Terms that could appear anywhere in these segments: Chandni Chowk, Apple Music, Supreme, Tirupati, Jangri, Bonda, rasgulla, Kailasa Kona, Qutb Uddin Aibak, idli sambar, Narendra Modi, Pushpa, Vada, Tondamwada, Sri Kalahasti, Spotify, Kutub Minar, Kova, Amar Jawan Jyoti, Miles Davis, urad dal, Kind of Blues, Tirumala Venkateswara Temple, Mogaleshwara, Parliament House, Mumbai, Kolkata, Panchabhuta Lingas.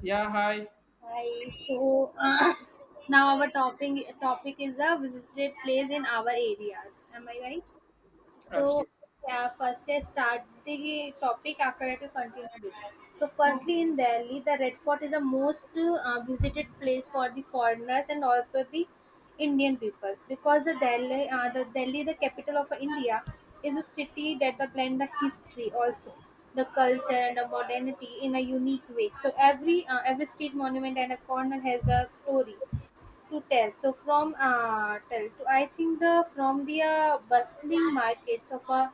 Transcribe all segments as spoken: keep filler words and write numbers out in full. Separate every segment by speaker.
Speaker 1: Yeah, hi.
Speaker 2: Hi. So uh, now our topic topic is the visited place in our areas. Am I right? So,
Speaker 1: Absolutely.
Speaker 2: yeah, first let's start the topic. After that, we continue with it. So, firstly, in Delhi, the Red Fort is the most uh, visited place for the foreigners and also the Indian peoples because the Delhi, uh, the Delhi, the capital of India, is a city that the blend the history also the culture and the modernity in a unique way. So every uh, every street monument and a corner has a story to tell. So from uh, tell to I think the from the uh, bustling markets of a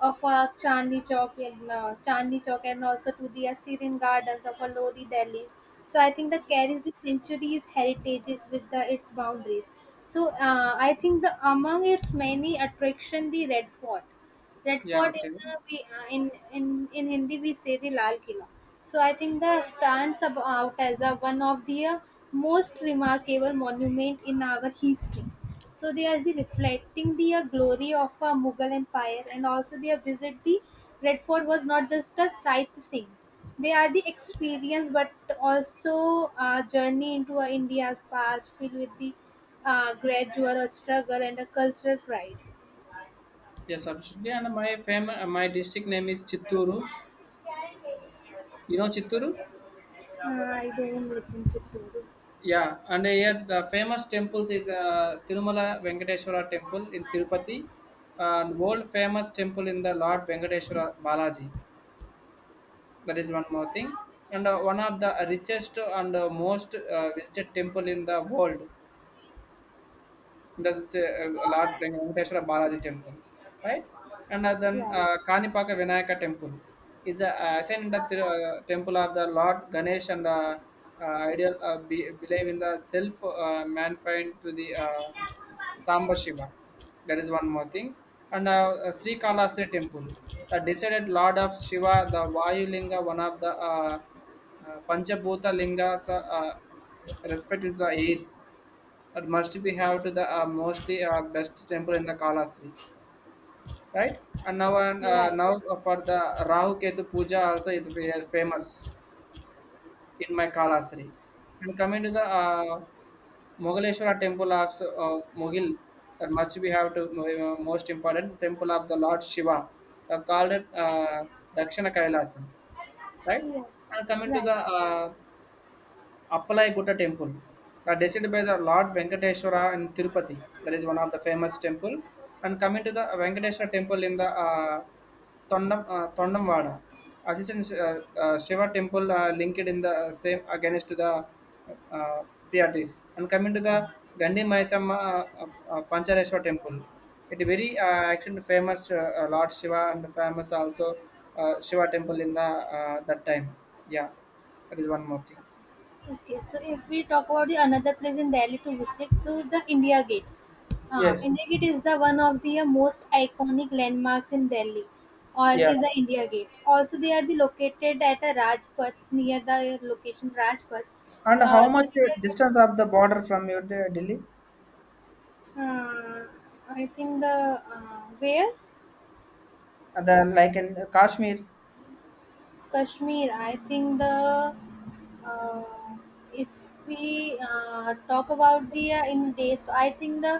Speaker 2: of a Chandni Chowk and uh, Chandni Chowk and also to the Assyrian gardens of a Lodi Delhi's. So I think that carries the centuries heritages with the, its boundaries. So uh, I think the among its many attraction the Red Fort Red
Speaker 1: Yeah,
Speaker 2: Fort in
Speaker 1: okay.
Speaker 2: uh, we uh, in, in in Hindi we say the Lal Killa. So I think that stands ab- out as a, one of the uh, most remarkable monument in our history. So they are the reflecting the uh, glory of our Mughal Empire and also they have visit the Red Fort was not just a sightseeing. They are the experience but also a journey into uh, India's past filled with the uh, gradual struggle and a cultural pride.
Speaker 1: Yes, absolutely. And my fam- uh, my district name is Chitturu. You know Chitturu?
Speaker 2: Uh, I don't listen to Toru.
Speaker 1: Yeah, and here the famous temples is uh, Tirumala Venkateswara Temple in Tirupati, and world famous temple in the Lord Venkateswara Balaji. That is one more thing, and uh, one of the richest and uh, most uh, visited temple in the world. That's a, a large like Venkateshwara Balaji temple, right? And uh, then
Speaker 2: Right,
Speaker 1: uh, Kanipaka Vinayaka temple is a uh, ascend in the th- uh, temple of the Lord Ganesh and the uh, ideal uh, be- believe in the self uh, mankind to the uh, Samba Shiva. That is one more thing. And uh, uh, Sri Kalahasti temple, the decided Lord of Shiva, the Vayu Linga, one of the uh, uh, Panchabhuta Lingas, uh, uh, respected the air that must be have to the uh, mostly uh, best temple in the Kalastri, right? And now and uh,
Speaker 2: right.
Speaker 1: now for the Rahu Ketu Puja also it is famous in my Kalastri. And coming to the uh, Mogaleshwara temple of uh, Mogil, that much we have to uh, most important temple of the Lord Shiva, uh, called it uh, Dakshina Kailasam, right?
Speaker 2: Yes.
Speaker 1: And coming to the
Speaker 2: Right.
Speaker 1: uh, Appalagoda Temple, the designed by the Lord Venkateswara in Tirupati. That is one of the famous temple. And coming to the Venkateswara Temple in the uh, Tondam, uh, Tondamwada, assistant uh, uh, Shiva Temple uh, linked in the uh, same against to the uh, Piatis. And coming to the Gandhi Maisama uh, uh, Panchareswar Temple, it very uh, action famous uh, uh, Lord Shiva and famous also uh, Shiva Temple in the uh, that time. Yeah, that is one more thing.
Speaker 2: Okay, so if we talk about the another place in Delhi to visit, to the India Gate. Uh,
Speaker 1: Yes,
Speaker 2: India Gate is the one of the uh, most iconic landmarks in Delhi, or
Speaker 1: yeah.
Speaker 2: is the India Gate. Also, they are the located at a Rajpath near the location Rajpath.
Speaker 1: And
Speaker 2: Uh,
Speaker 1: how much
Speaker 2: the
Speaker 1: uh,
Speaker 2: India Gate.
Speaker 1: distance of the border from your De- Delhi?
Speaker 2: Uh, I think the uh, where
Speaker 1: Uh, The like in Kashmir.
Speaker 2: Kashmir. I think the Uh, if we uh, talk about the uh, in days, so I think the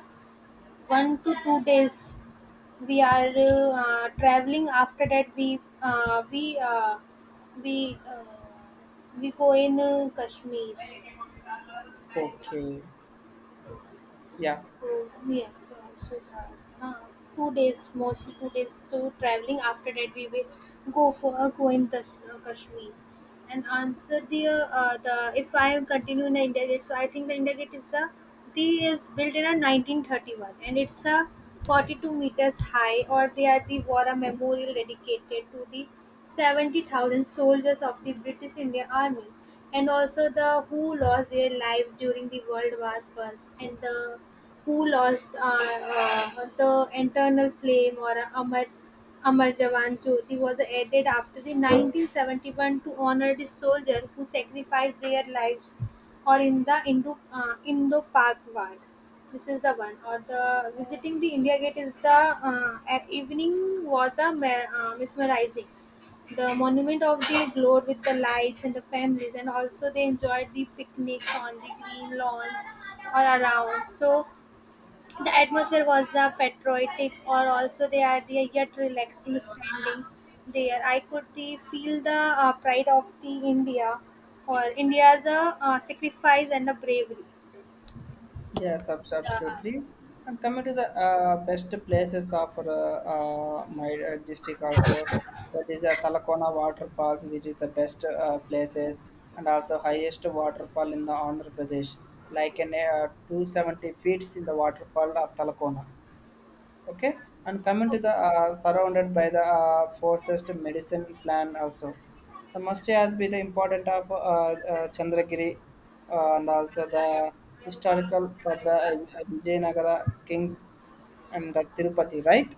Speaker 2: one to two days we are uh, traveling. After that, we uh, we uh, we uh, we go in uh, Kashmir.
Speaker 1: Okay. Yeah.
Speaker 2: Oh, yes, um, so the, uh, two days, mostly two days to traveling. After that, we will go for a go in the uh, Kashmir. And answer the uh, uh, the if I continue in the India Gate, so I think the India Gate is the the is built in a nineteen thirty-one and it's a forty-two meters high, or they are the war memorial dedicated to the seventy thousand soldiers of the British India Army and also the who lost their lives during the World War First and the who lost uh, uh, the internal Flame or uh, Amar, Amar Jawan Jyoti was added after the nineteen seventy-one to honor the soldier who sacrificed their lives or in the Indo, uh, Indo-Pak War. This is the one. Or the visiting the India Gate is the uh, a- evening was a me- uh, mesmerizing the monument of the glowed with the lights and the families and also they enjoyed the picnics on the green lawns or around so the atmosphere was a patriotic or also they are there yet relaxing standing there. I could the, feel the uh, pride of the India or India's uh, uh, sacrifice and the bravery.
Speaker 1: Yes, abs-
Speaker 2: Yeah.
Speaker 1: absolutely. And coming to the uh, best places of uh, uh, my uh, district also, that is the Talakona waterfalls. It is the best uh, places and also highest waterfall in the Andhra Pradesh, like in uh, two hundred seventy feet in the waterfall of Talakona. Okay, and coming to
Speaker 2: Oh,
Speaker 1: the uh, surrounded by the uh, forces medicine plan also the must has be the important of uh, uh, chandragiri uh, and also the historical for the uh, vijayanagara kings and the tirupati, right?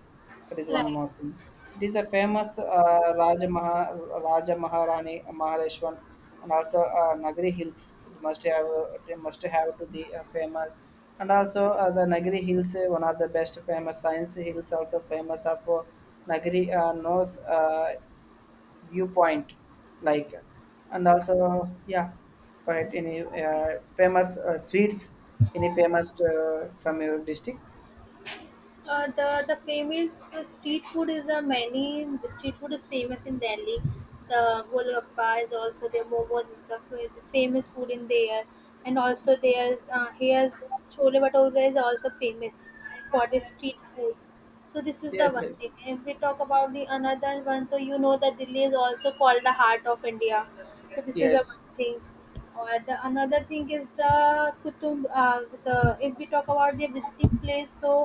Speaker 1: That is one
Speaker 2: Right.
Speaker 1: more thing. It is a famous uh, Raja, Maha, Raja Maharani Mahaleshwan and also uh, Nagari Hills. It must have uh, it must have to the uh, famous and also uh, the Nagari Hills uh, one of the best famous science hills also famous of uh, Nagari uh, nose uh, viewpoint like and also yeah, go ahead, any uh, famous uh, sweets any famous uh, from your district?
Speaker 2: Uh, the the famous uh, street food is a many the street food is famous in Delhi. The golgappa is also there. Momos is the fa- the famous food in there, and also there's uh, here's chole bhature is also famous for the street food. So this is the
Speaker 1: Yes,
Speaker 2: one
Speaker 1: yes.
Speaker 2: thing. If we talk about the another one, so you know that Delhi is also called the heart of India. So this is the
Speaker 1: Yes.
Speaker 2: one thing. Or the another thing is the Kutub. Uh, the if we talk about the visiting place, so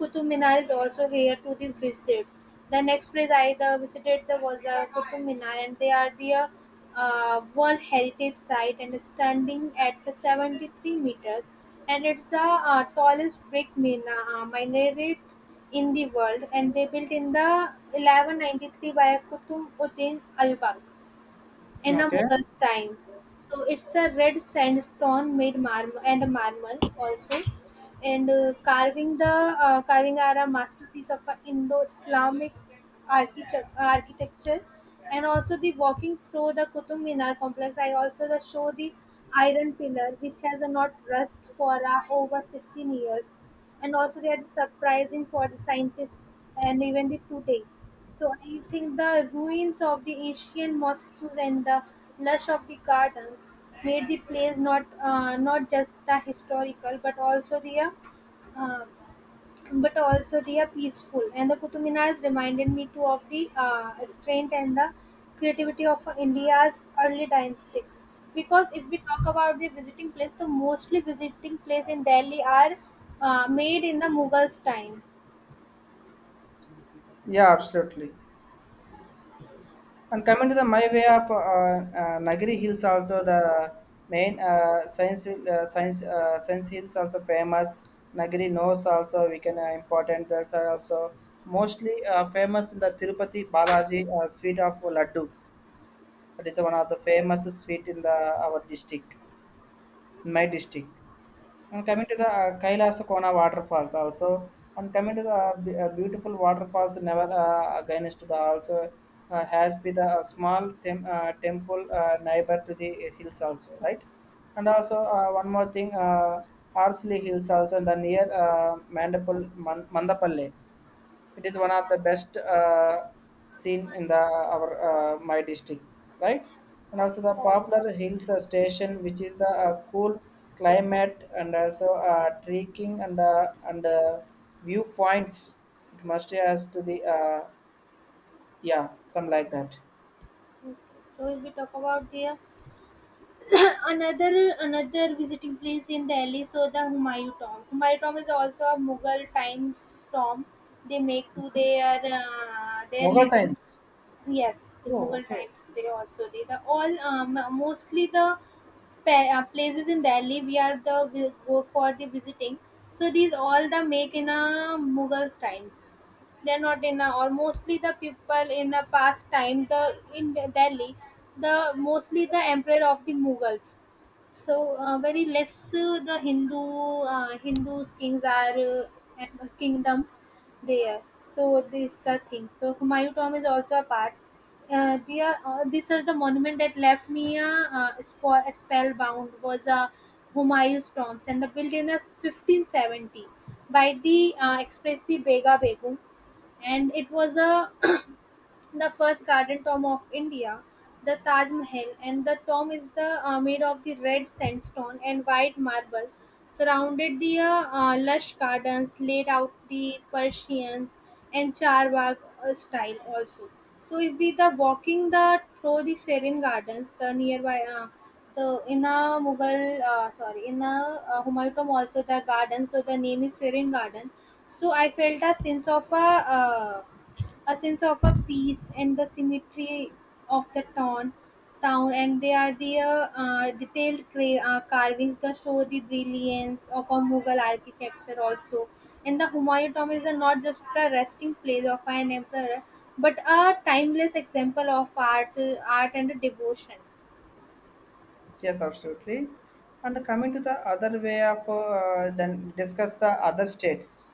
Speaker 2: Kutub Minar is also here to the visit. The next place I the visited the was the Kutub Minar, and they are the uh, uh, World Heritage Site and standing at the seventy-three meters, and it's the uh, tallest brick mina, uh, minaret in the world and they built in the eleven ninety-three by Qutb Uddin Aibak. In a
Speaker 1: Okay.
Speaker 2: Mughal's time. So it's a red sandstone made marble and marble also, and uh, carving the uh, carving are a masterpiece of a Indo-Islamic architecture, architecture, and also the walking through the Qutub Minar complex. I also the show the iron pillar which has a not rust for uh, over sixteen years, and also they are surprising for the scientists and even the today. So I think the ruins of the ancient mosques and the lush of the gardens made the place not uh, not just the historical but also the uh, uh, but also they are peaceful. And the Qutub Minar has reminded me too of the uh, strength and the creativity of India's early dynasties. Because if we talk about the visiting place, the mostly visiting place in Delhi are uh, made in the Mughals time.
Speaker 1: Yeah, absolutely. And coming to the my way of uh, uh, Nagari Hills, also the main uh, science hill- uh, science uh, science hills also famous. Nagari Nose also we can uh, important. Those are also mostly uh, famous in the Tirupati Balaji uh, sweet of laddu. That is one of the famous sweet in the our district, in my district. And coming to the uh, Kailasa Kona waterfalls also, and coming to the uh, b- uh, beautiful waterfalls never uh, against to the also uh, has been the uh, small tem- uh, temple uh, neighbor to the hills also, right? And also, uh, one more thing, uh, Harsley Hills also and the near uh, Mandapal Man- Mandapalle. It is one of the best uh, seen in the our, uh, my district, right? And also the popular hills uh, station, which is the uh, cool climate and also uh, trekking and uh, and uh, viewpoints. It must has to the uh, yeah, some like that.
Speaker 2: So if we talk about the another another visiting place in Delhi, so the Humayun Tomb. Humayun Tomb is also a Mughal times tomb they make to their uh, their
Speaker 1: Mughal
Speaker 2: living.
Speaker 1: times.
Speaker 2: Yes, the
Speaker 1: Oh,
Speaker 2: Mughal
Speaker 1: okay.
Speaker 2: times they also they the all um, mostly the pa- uh, places in Delhi we are the we go for the visiting. So these all the make in a Mughal times. They're not in a, or mostly the people in the past time the in the Delhi the mostly the emperor of the Mughals. So uh, very less uh, the Hindu uh, Hindus kings are uh, and kingdoms there. So this the thing. So Humayun Tomb is also a part uh, they are, uh, these are the monument that left me uh, uh, spo- spellbound was uh, Humayun's tombs and the built in uh, fifteen seventy by the uh, express the Bega Begum and it was a the first garden tomb of India, the Taj Mahal, and the tomb is the uh, made of the red sandstone and white marble. Surrounded the uh, uh, lush gardens laid out the Persians and Charbagh uh, style also. So if we the walking the through the serene gardens, the nearby uh, the in a Mughal uh, sorry in a uh, Humayun tomb also the garden. So the name is Serene Garden. So I felt a sense of a uh, a sense of a peace and the symmetry of the town town and they are the uh, detailed cra- uh, carvings that show the brilliance of a mughal architecture also and the humayun tomb is a, not just a resting place of an emperor but a timeless example of art art and devotion
Speaker 1: Yes, absolutely. And coming to the other way of uh, then discuss the other states,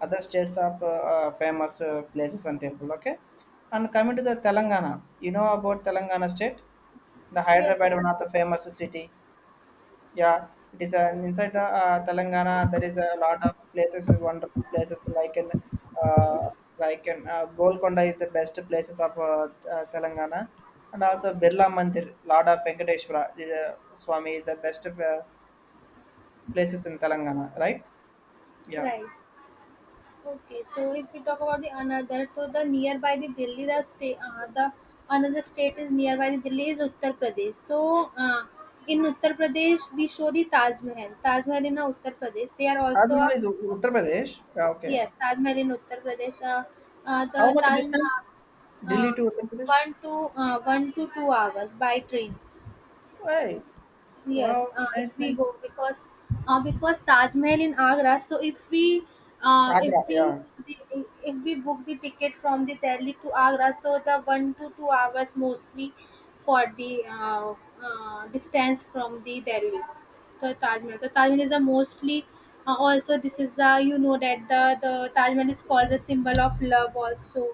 Speaker 1: other states of uh, uh, famous uh, places and temple. Okay, and coming to the Telangana, you know about Telangana state, the
Speaker 2: yes yes,
Speaker 1: Hyderabad, one of the famous city. Yeah, it is uh, inside the uh, Telangana. There is a lot of places, is wonderful places like in uh, like in uh, Golconda is the best places of uh, uh, Telangana, and also Birla Mandir, lot of Venkateshwara is, uh, Swami is the best of, uh, places in Telangana, right? Yeah,
Speaker 2: right. Okay, so if we talk about the another, so the nearby the Delhi, the state, uh, the another state is nearby the Delhi is Uttar Pradesh. So uh, in Uttar Pradesh, we show the Taj Mahal. Taj Mahal in uh, Uttar Pradesh. They are
Speaker 1: Taj
Speaker 2: also
Speaker 1: Mahal
Speaker 2: a
Speaker 1: is U- Uttar Pradesh. Yeah, okay,
Speaker 2: yes, Taj Mahal in Uttar Pradesh. Uh, uh, the
Speaker 1: how much
Speaker 2: Taj
Speaker 1: distance
Speaker 2: Mahal,
Speaker 1: Delhi
Speaker 2: uh,
Speaker 1: to Uttar Pradesh?
Speaker 2: one to uh, one to two hours by train.
Speaker 1: Why?
Speaker 2: Yes,
Speaker 1: Wow,
Speaker 2: uh, if
Speaker 1: nice,
Speaker 2: we go
Speaker 1: nice.
Speaker 2: because uh, because Taj Mahal in Agra. So if we uh, if
Speaker 1: Agra,
Speaker 2: we
Speaker 1: yeah,
Speaker 2: book the, if we book the ticket from the Delhi to Agra, so the one to two hours mostly for the uh, uh, distance from the Delhi to Taj Mahal. So Taj Mahal is a mostly uh, also this is the you know that the the Taj Mahal is called the symbol of love also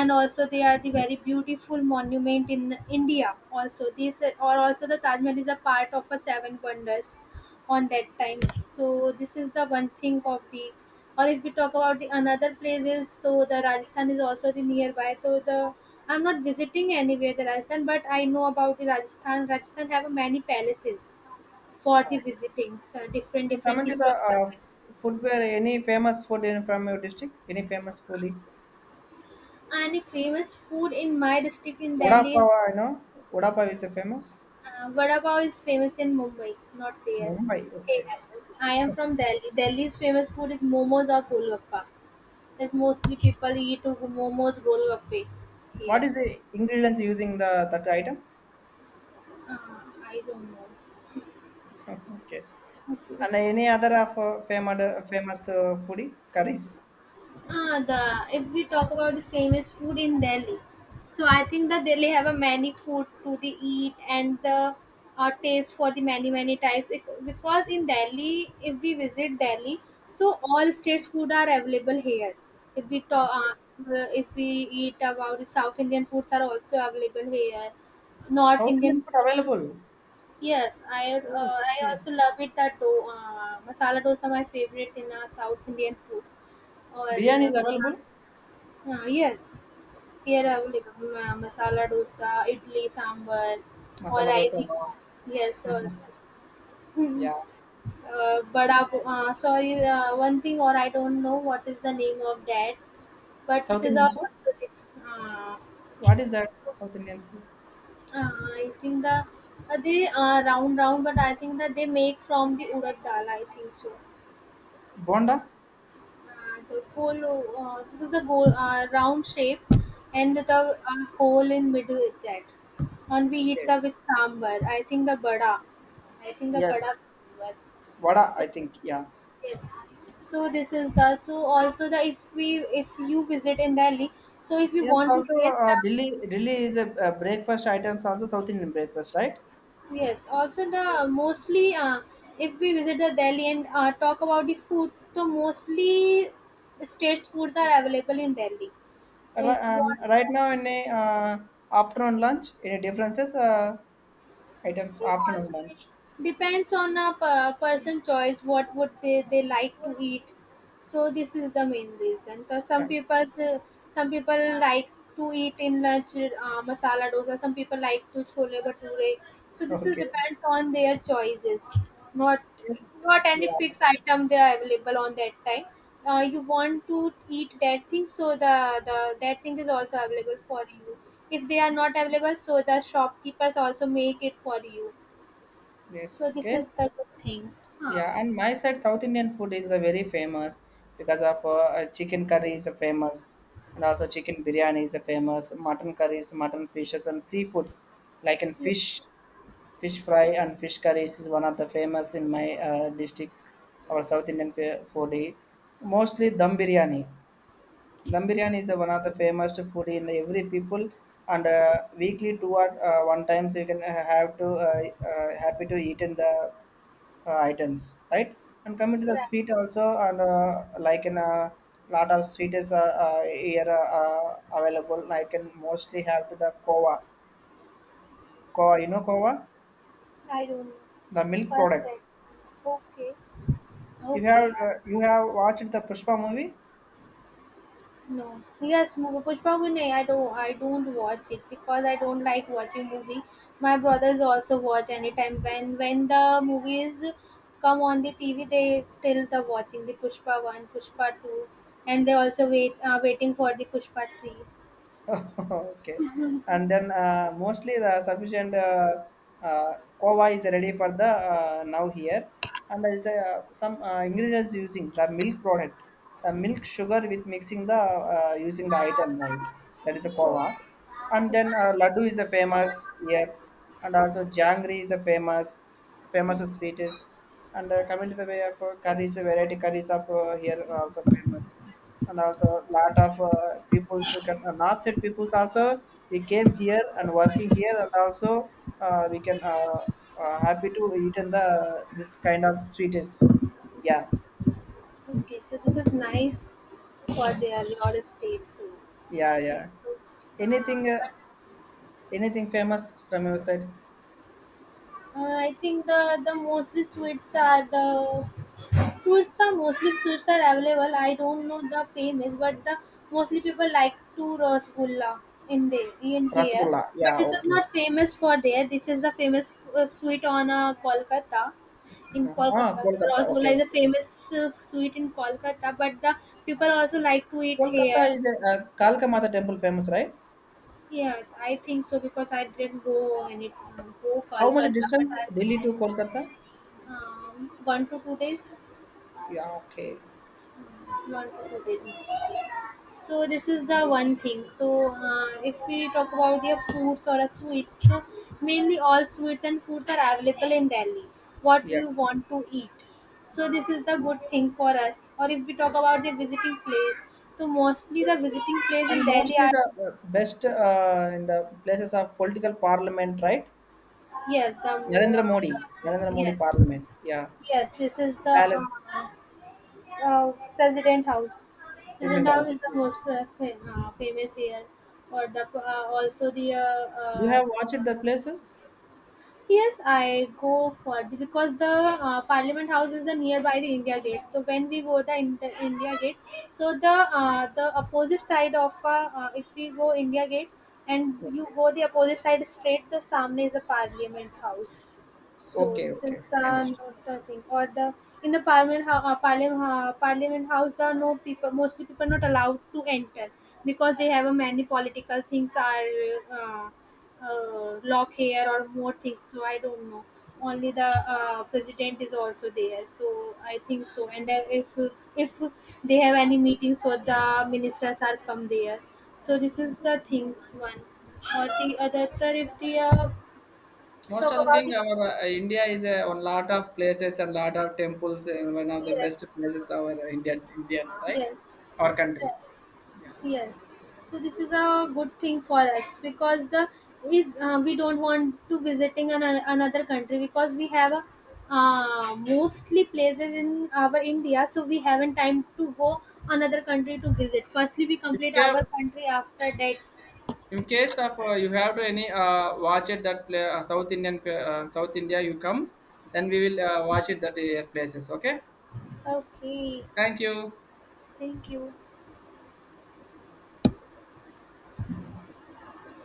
Speaker 2: and also they are the very beautiful monument in India. Also, this or also the Taj Mahal is a part of a seven wonders on that time. So this is the one thing of the. Or if we talk about the another places, so the Rajasthan is also the nearby. So the I'm not visiting anywhere the Rajasthan, but I know about the Rajasthan. Rajasthan have many palaces for the
Speaker 1: right.
Speaker 2: visiting, so different different
Speaker 1: Coming to the
Speaker 2: historical
Speaker 1: uh, f-
Speaker 2: palaces.
Speaker 1: footwear, any famous food in from your district? Any famous foodie?
Speaker 2: And the famous food in my district in Delhi
Speaker 1: Udapav,
Speaker 2: is
Speaker 1: I know. Udapav is a famous.
Speaker 2: Uh, Vada Pav is famous in Mumbai, not there.
Speaker 1: Mumbai,
Speaker 2: Hey,
Speaker 1: okay.
Speaker 2: I am from Delhi. Delhi's famous food is momos or golgappa. That's mostly people eat momos, golgappe
Speaker 1: What
Speaker 2: here.
Speaker 1: is the ingredients using the that item?
Speaker 2: Uh, I don't know.
Speaker 1: Okay. And any other of uh, famous uh, famous uh, foodie curries?
Speaker 2: Ah, the if we talk about the famous food in Delhi, so I think that Delhi have a many food to the eat and the uh, taste for the many many types. Bec- Because in Delhi, if we visit Delhi, so all states food are available here. If we talk,
Speaker 1: Okay.
Speaker 2: uh, uh, if we eat about the South Indian foods are also available here. North
Speaker 1: South Indian
Speaker 2: Indian,
Speaker 1: food available.
Speaker 2: yes, I
Speaker 1: Oh,
Speaker 2: uh, I
Speaker 1: okay.
Speaker 2: also love it that do- uh, masala dosa my favorite in uh, South Indian food or.
Speaker 1: Biryani
Speaker 2: Uh,
Speaker 1: is available.
Speaker 2: uh, yes, here I
Speaker 1: Okay.
Speaker 2: available ma- masala dosa, idli sambar, or
Speaker 1: Masala
Speaker 2: I
Speaker 1: dosa.
Speaker 2: think
Speaker 1: Wow.
Speaker 2: uh, yes, also.
Speaker 1: Yeah.
Speaker 2: Uh, but uh, uh, sorry, uh, one thing or I don't know what is the name of that, but this
Speaker 1: South
Speaker 2: is
Speaker 1: Indian
Speaker 2: our
Speaker 1: food.
Speaker 2: uh, uh,
Speaker 1: What is that? South Indian food.
Speaker 2: I think the uh, they uh, round round, but I think that they make from the urad dal. I think so.
Speaker 1: Bonda.
Speaker 2: Uh, the hole. Uh, this is a goal, uh, round shape, and the uh, hole in middle is that. And we eat
Speaker 1: Okay.
Speaker 2: the with sambar. I think the bada. I think the bada
Speaker 1: Yes.
Speaker 2: sambar.
Speaker 1: Vada, I
Speaker 2: So
Speaker 1: think, yeah.
Speaker 2: yes. So this is the so also the if we if you visit in Delhi. So if you
Speaker 1: Yes,
Speaker 2: want to
Speaker 1: also
Speaker 2: taste,
Speaker 1: uh,
Speaker 2: uh,
Speaker 1: Delhi. Delhi is a, a breakfast items also South Indian breakfast, right?
Speaker 2: yes. Also the mostly uh, if we visit the Delhi and uh, talk about the food, so mostly states foods are available in Delhi. If
Speaker 1: Ri- Um,
Speaker 2: what,
Speaker 1: right now in a uh, afternoon lunch, any differences? Uh, items
Speaker 2: it
Speaker 1: afternoon
Speaker 2: also it
Speaker 1: lunch.
Speaker 2: depends on a per- person choice what would they, they like to eat, so this is the main reason. Cause
Speaker 1: Yeah.
Speaker 2: some people some people like to eat in lunch uh, masala dosa. Some people like to chole bhature. So this is
Speaker 1: Okay.
Speaker 2: depends on their choices, not
Speaker 1: Yes.
Speaker 2: not any
Speaker 1: Yeah.
Speaker 2: fixed item they are available on that time. Uh, you want to eat that thing, so the the that thing is also available for you. If they are not available, so the shopkeepers also make it for you.
Speaker 1: Yes.
Speaker 2: So this
Speaker 1: Okay.
Speaker 2: is the good thing.
Speaker 1: Yeah, and my side, South Indian food is a very famous because of uh, uh, chicken curry is a famous, and also chicken biryani is a famous, mutton curries, mutton fishes, and seafood, like in
Speaker 2: Yeah.
Speaker 1: fish, fish fry and fish curries is one of the famous in my uh, district. Our South Indian fa- foodie, mostly dum biryani. Dum biryani is uh, one of the famous foodie in every people, and uh, weekly two or uh, one times you can uh, have to uh, uh, happy to eat in the uh, items, right? And coming to the
Speaker 2: Right.
Speaker 1: sweet also, and uh, like in a lot of sweet is uh, uh, here uh, uh, available. I can mostly have to the kova, kova, you know kova,
Speaker 2: I don't know.
Speaker 1: the milk
Speaker 2: First
Speaker 1: product.
Speaker 2: text. Okay.
Speaker 1: You
Speaker 2: Okay,
Speaker 1: have
Speaker 2: yeah,
Speaker 1: uh, you
Speaker 2: first I
Speaker 1: have
Speaker 2: posted
Speaker 1: watched the Pushpa movie?
Speaker 2: no. Yes, Mo- Pushpa Vinay, I don't I don't watch it because I don't like watching movie. My brothers also watch anytime when when the movies come on the T V, they still the watching the Pushpa one, Pushpa two, and they also wait are waiting for the Pushpa three.
Speaker 1: Okay. And then uh, mostly the sufficient uh, uh, kova is ready for the uh, now here. And there is uh, some uh, ingredients using the milk product, the milk sugar with mixing the uh, using the item, right. That is a kova. And then uh, laddu is a famous here, and also jangri is a famous famous sweet is. And uh, coming to the way of uh, curries, variety curries of uh, here are also famous and also a lot of uh, peoples, uh, can- uh, north side peoples also, we came here and working here and also uh, we can uh, uh, happy to eat in the this kind of sweets. Yeah,
Speaker 2: Okay, so this is nice for their real estate, so I
Speaker 1: yeah,
Speaker 2: think
Speaker 1: yeah.
Speaker 2: so. Uh,
Speaker 1: Anything, uh,
Speaker 2: but
Speaker 1: anything famous from your side?
Speaker 2: Uh, I think the the mostly sweets are the sweets, the mostly sweets are available. I don't know the famous, but the mostly people like to rasgulla in the in here.
Speaker 1: Rasgulla.
Speaker 2: But
Speaker 1: Yeah,
Speaker 2: this is
Speaker 1: okay.
Speaker 2: not famous for there. This is the famous uh, sweet on uh, Kolkata. In
Speaker 1: Uh-huh. Ah,
Speaker 2: Kolkata, the
Speaker 1: Kolkata. Okay,
Speaker 2: rasgulla is a
Speaker 1: okay.
Speaker 2: famous uh, sweet in Kolkata. But the people also like to eat here.
Speaker 1: Kolkata is a uh, Kalka Mata temple famous, right?
Speaker 2: Yes, I think so because I didn't go any go
Speaker 1: How much
Speaker 2: Kolkata, but
Speaker 1: distance
Speaker 2: I
Speaker 1: Delhi to Kolkata?
Speaker 2: um, one to two days.
Speaker 1: Yeah, okay.
Speaker 2: Small to veggies. So this is the one thing. So uh, if we talk about the fruits or a sweets, so mainly all sweets and foods are available in Delhi. What
Speaker 1: Yeah.
Speaker 2: we want to eat. So this is the good thing for us. Or if we talk about the visiting place, so mostly the visiting place
Speaker 1: And
Speaker 2: in Delhi
Speaker 1: mostly
Speaker 2: are
Speaker 1: the uh, best uh, in the places of political parliament, right?
Speaker 2: yes, the
Speaker 1: Narendra
Speaker 2: mo-
Speaker 1: Modi, Narendra Modi
Speaker 2: yes.
Speaker 1: parliament. Yeah,
Speaker 2: Yes, this is
Speaker 1: the
Speaker 2: the
Speaker 1: palace,
Speaker 2: uh, uh, President House. President
Speaker 1: President
Speaker 2: House
Speaker 1: House.
Speaker 2: is the
Speaker 1: Yes.
Speaker 2: most pre- fam- uh, famous here, or the uh, also the uh,
Speaker 1: Do you
Speaker 2: uh,
Speaker 1: have watched the places?
Speaker 2: yes, I go for the because the uh, Parliament House is the nearby the India Gate. So when we go the Inter- India Gate, so the uh, the opposite side of uh, uh, if we go India Gate and you
Speaker 1: Okay.
Speaker 2: go the opposite side straight, the Samne is the Parliament House. So
Speaker 1: Okay.
Speaker 2: since
Speaker 1: Okay.
Speaker 2: the
Speaker 1: I understand.
Speaker 2: not the thing or the in the parliament hou- uh, parliament uh, parliament house, the no people, mostly people not allowed to enter because they have a many political things are uh, uh, lock hair or more things. So I don't know. Only the uh, president is also there. So I think so. And then if if they have any meeting, so the ministers are come there. So this is the thing one. Or
Speaker 1: Yeah,
Speaker 2: the other, if the uh,
Speaker 1: most
Speaker 2: talk
Speaker 1: of the
Speaker 2: about
Speaker 1: thing
Speaker 2: the
Speaker 1: uh, India have temples. Uh, one of the best
Speaker 2: yes.
Speaker 1: in our Indian Indian, right,
Speaker 2: Yes.
Speaker 1: our country.
Speaker 2: Yes,
Speaker 1: Yeah,
Speaker 2: yes. So this is a good thing for us because the if uh, we don't want to visiting an, another country because we have a, uh, mostly places in our India, so we haven't time to go another country to visit. Firstly, we
Speaker 1: if
Speaker 2: complete
Speaker 1: you have
Speaker 2: our country. After that,
Speaker 1: any uh, watch it that play, uh, South Indian fa- uh, South India you come, then we will uh, watch it that uh, places. Okay,
Speaker 2: okay.
Speaker 1: thank you.
Speaker 2: Thank you.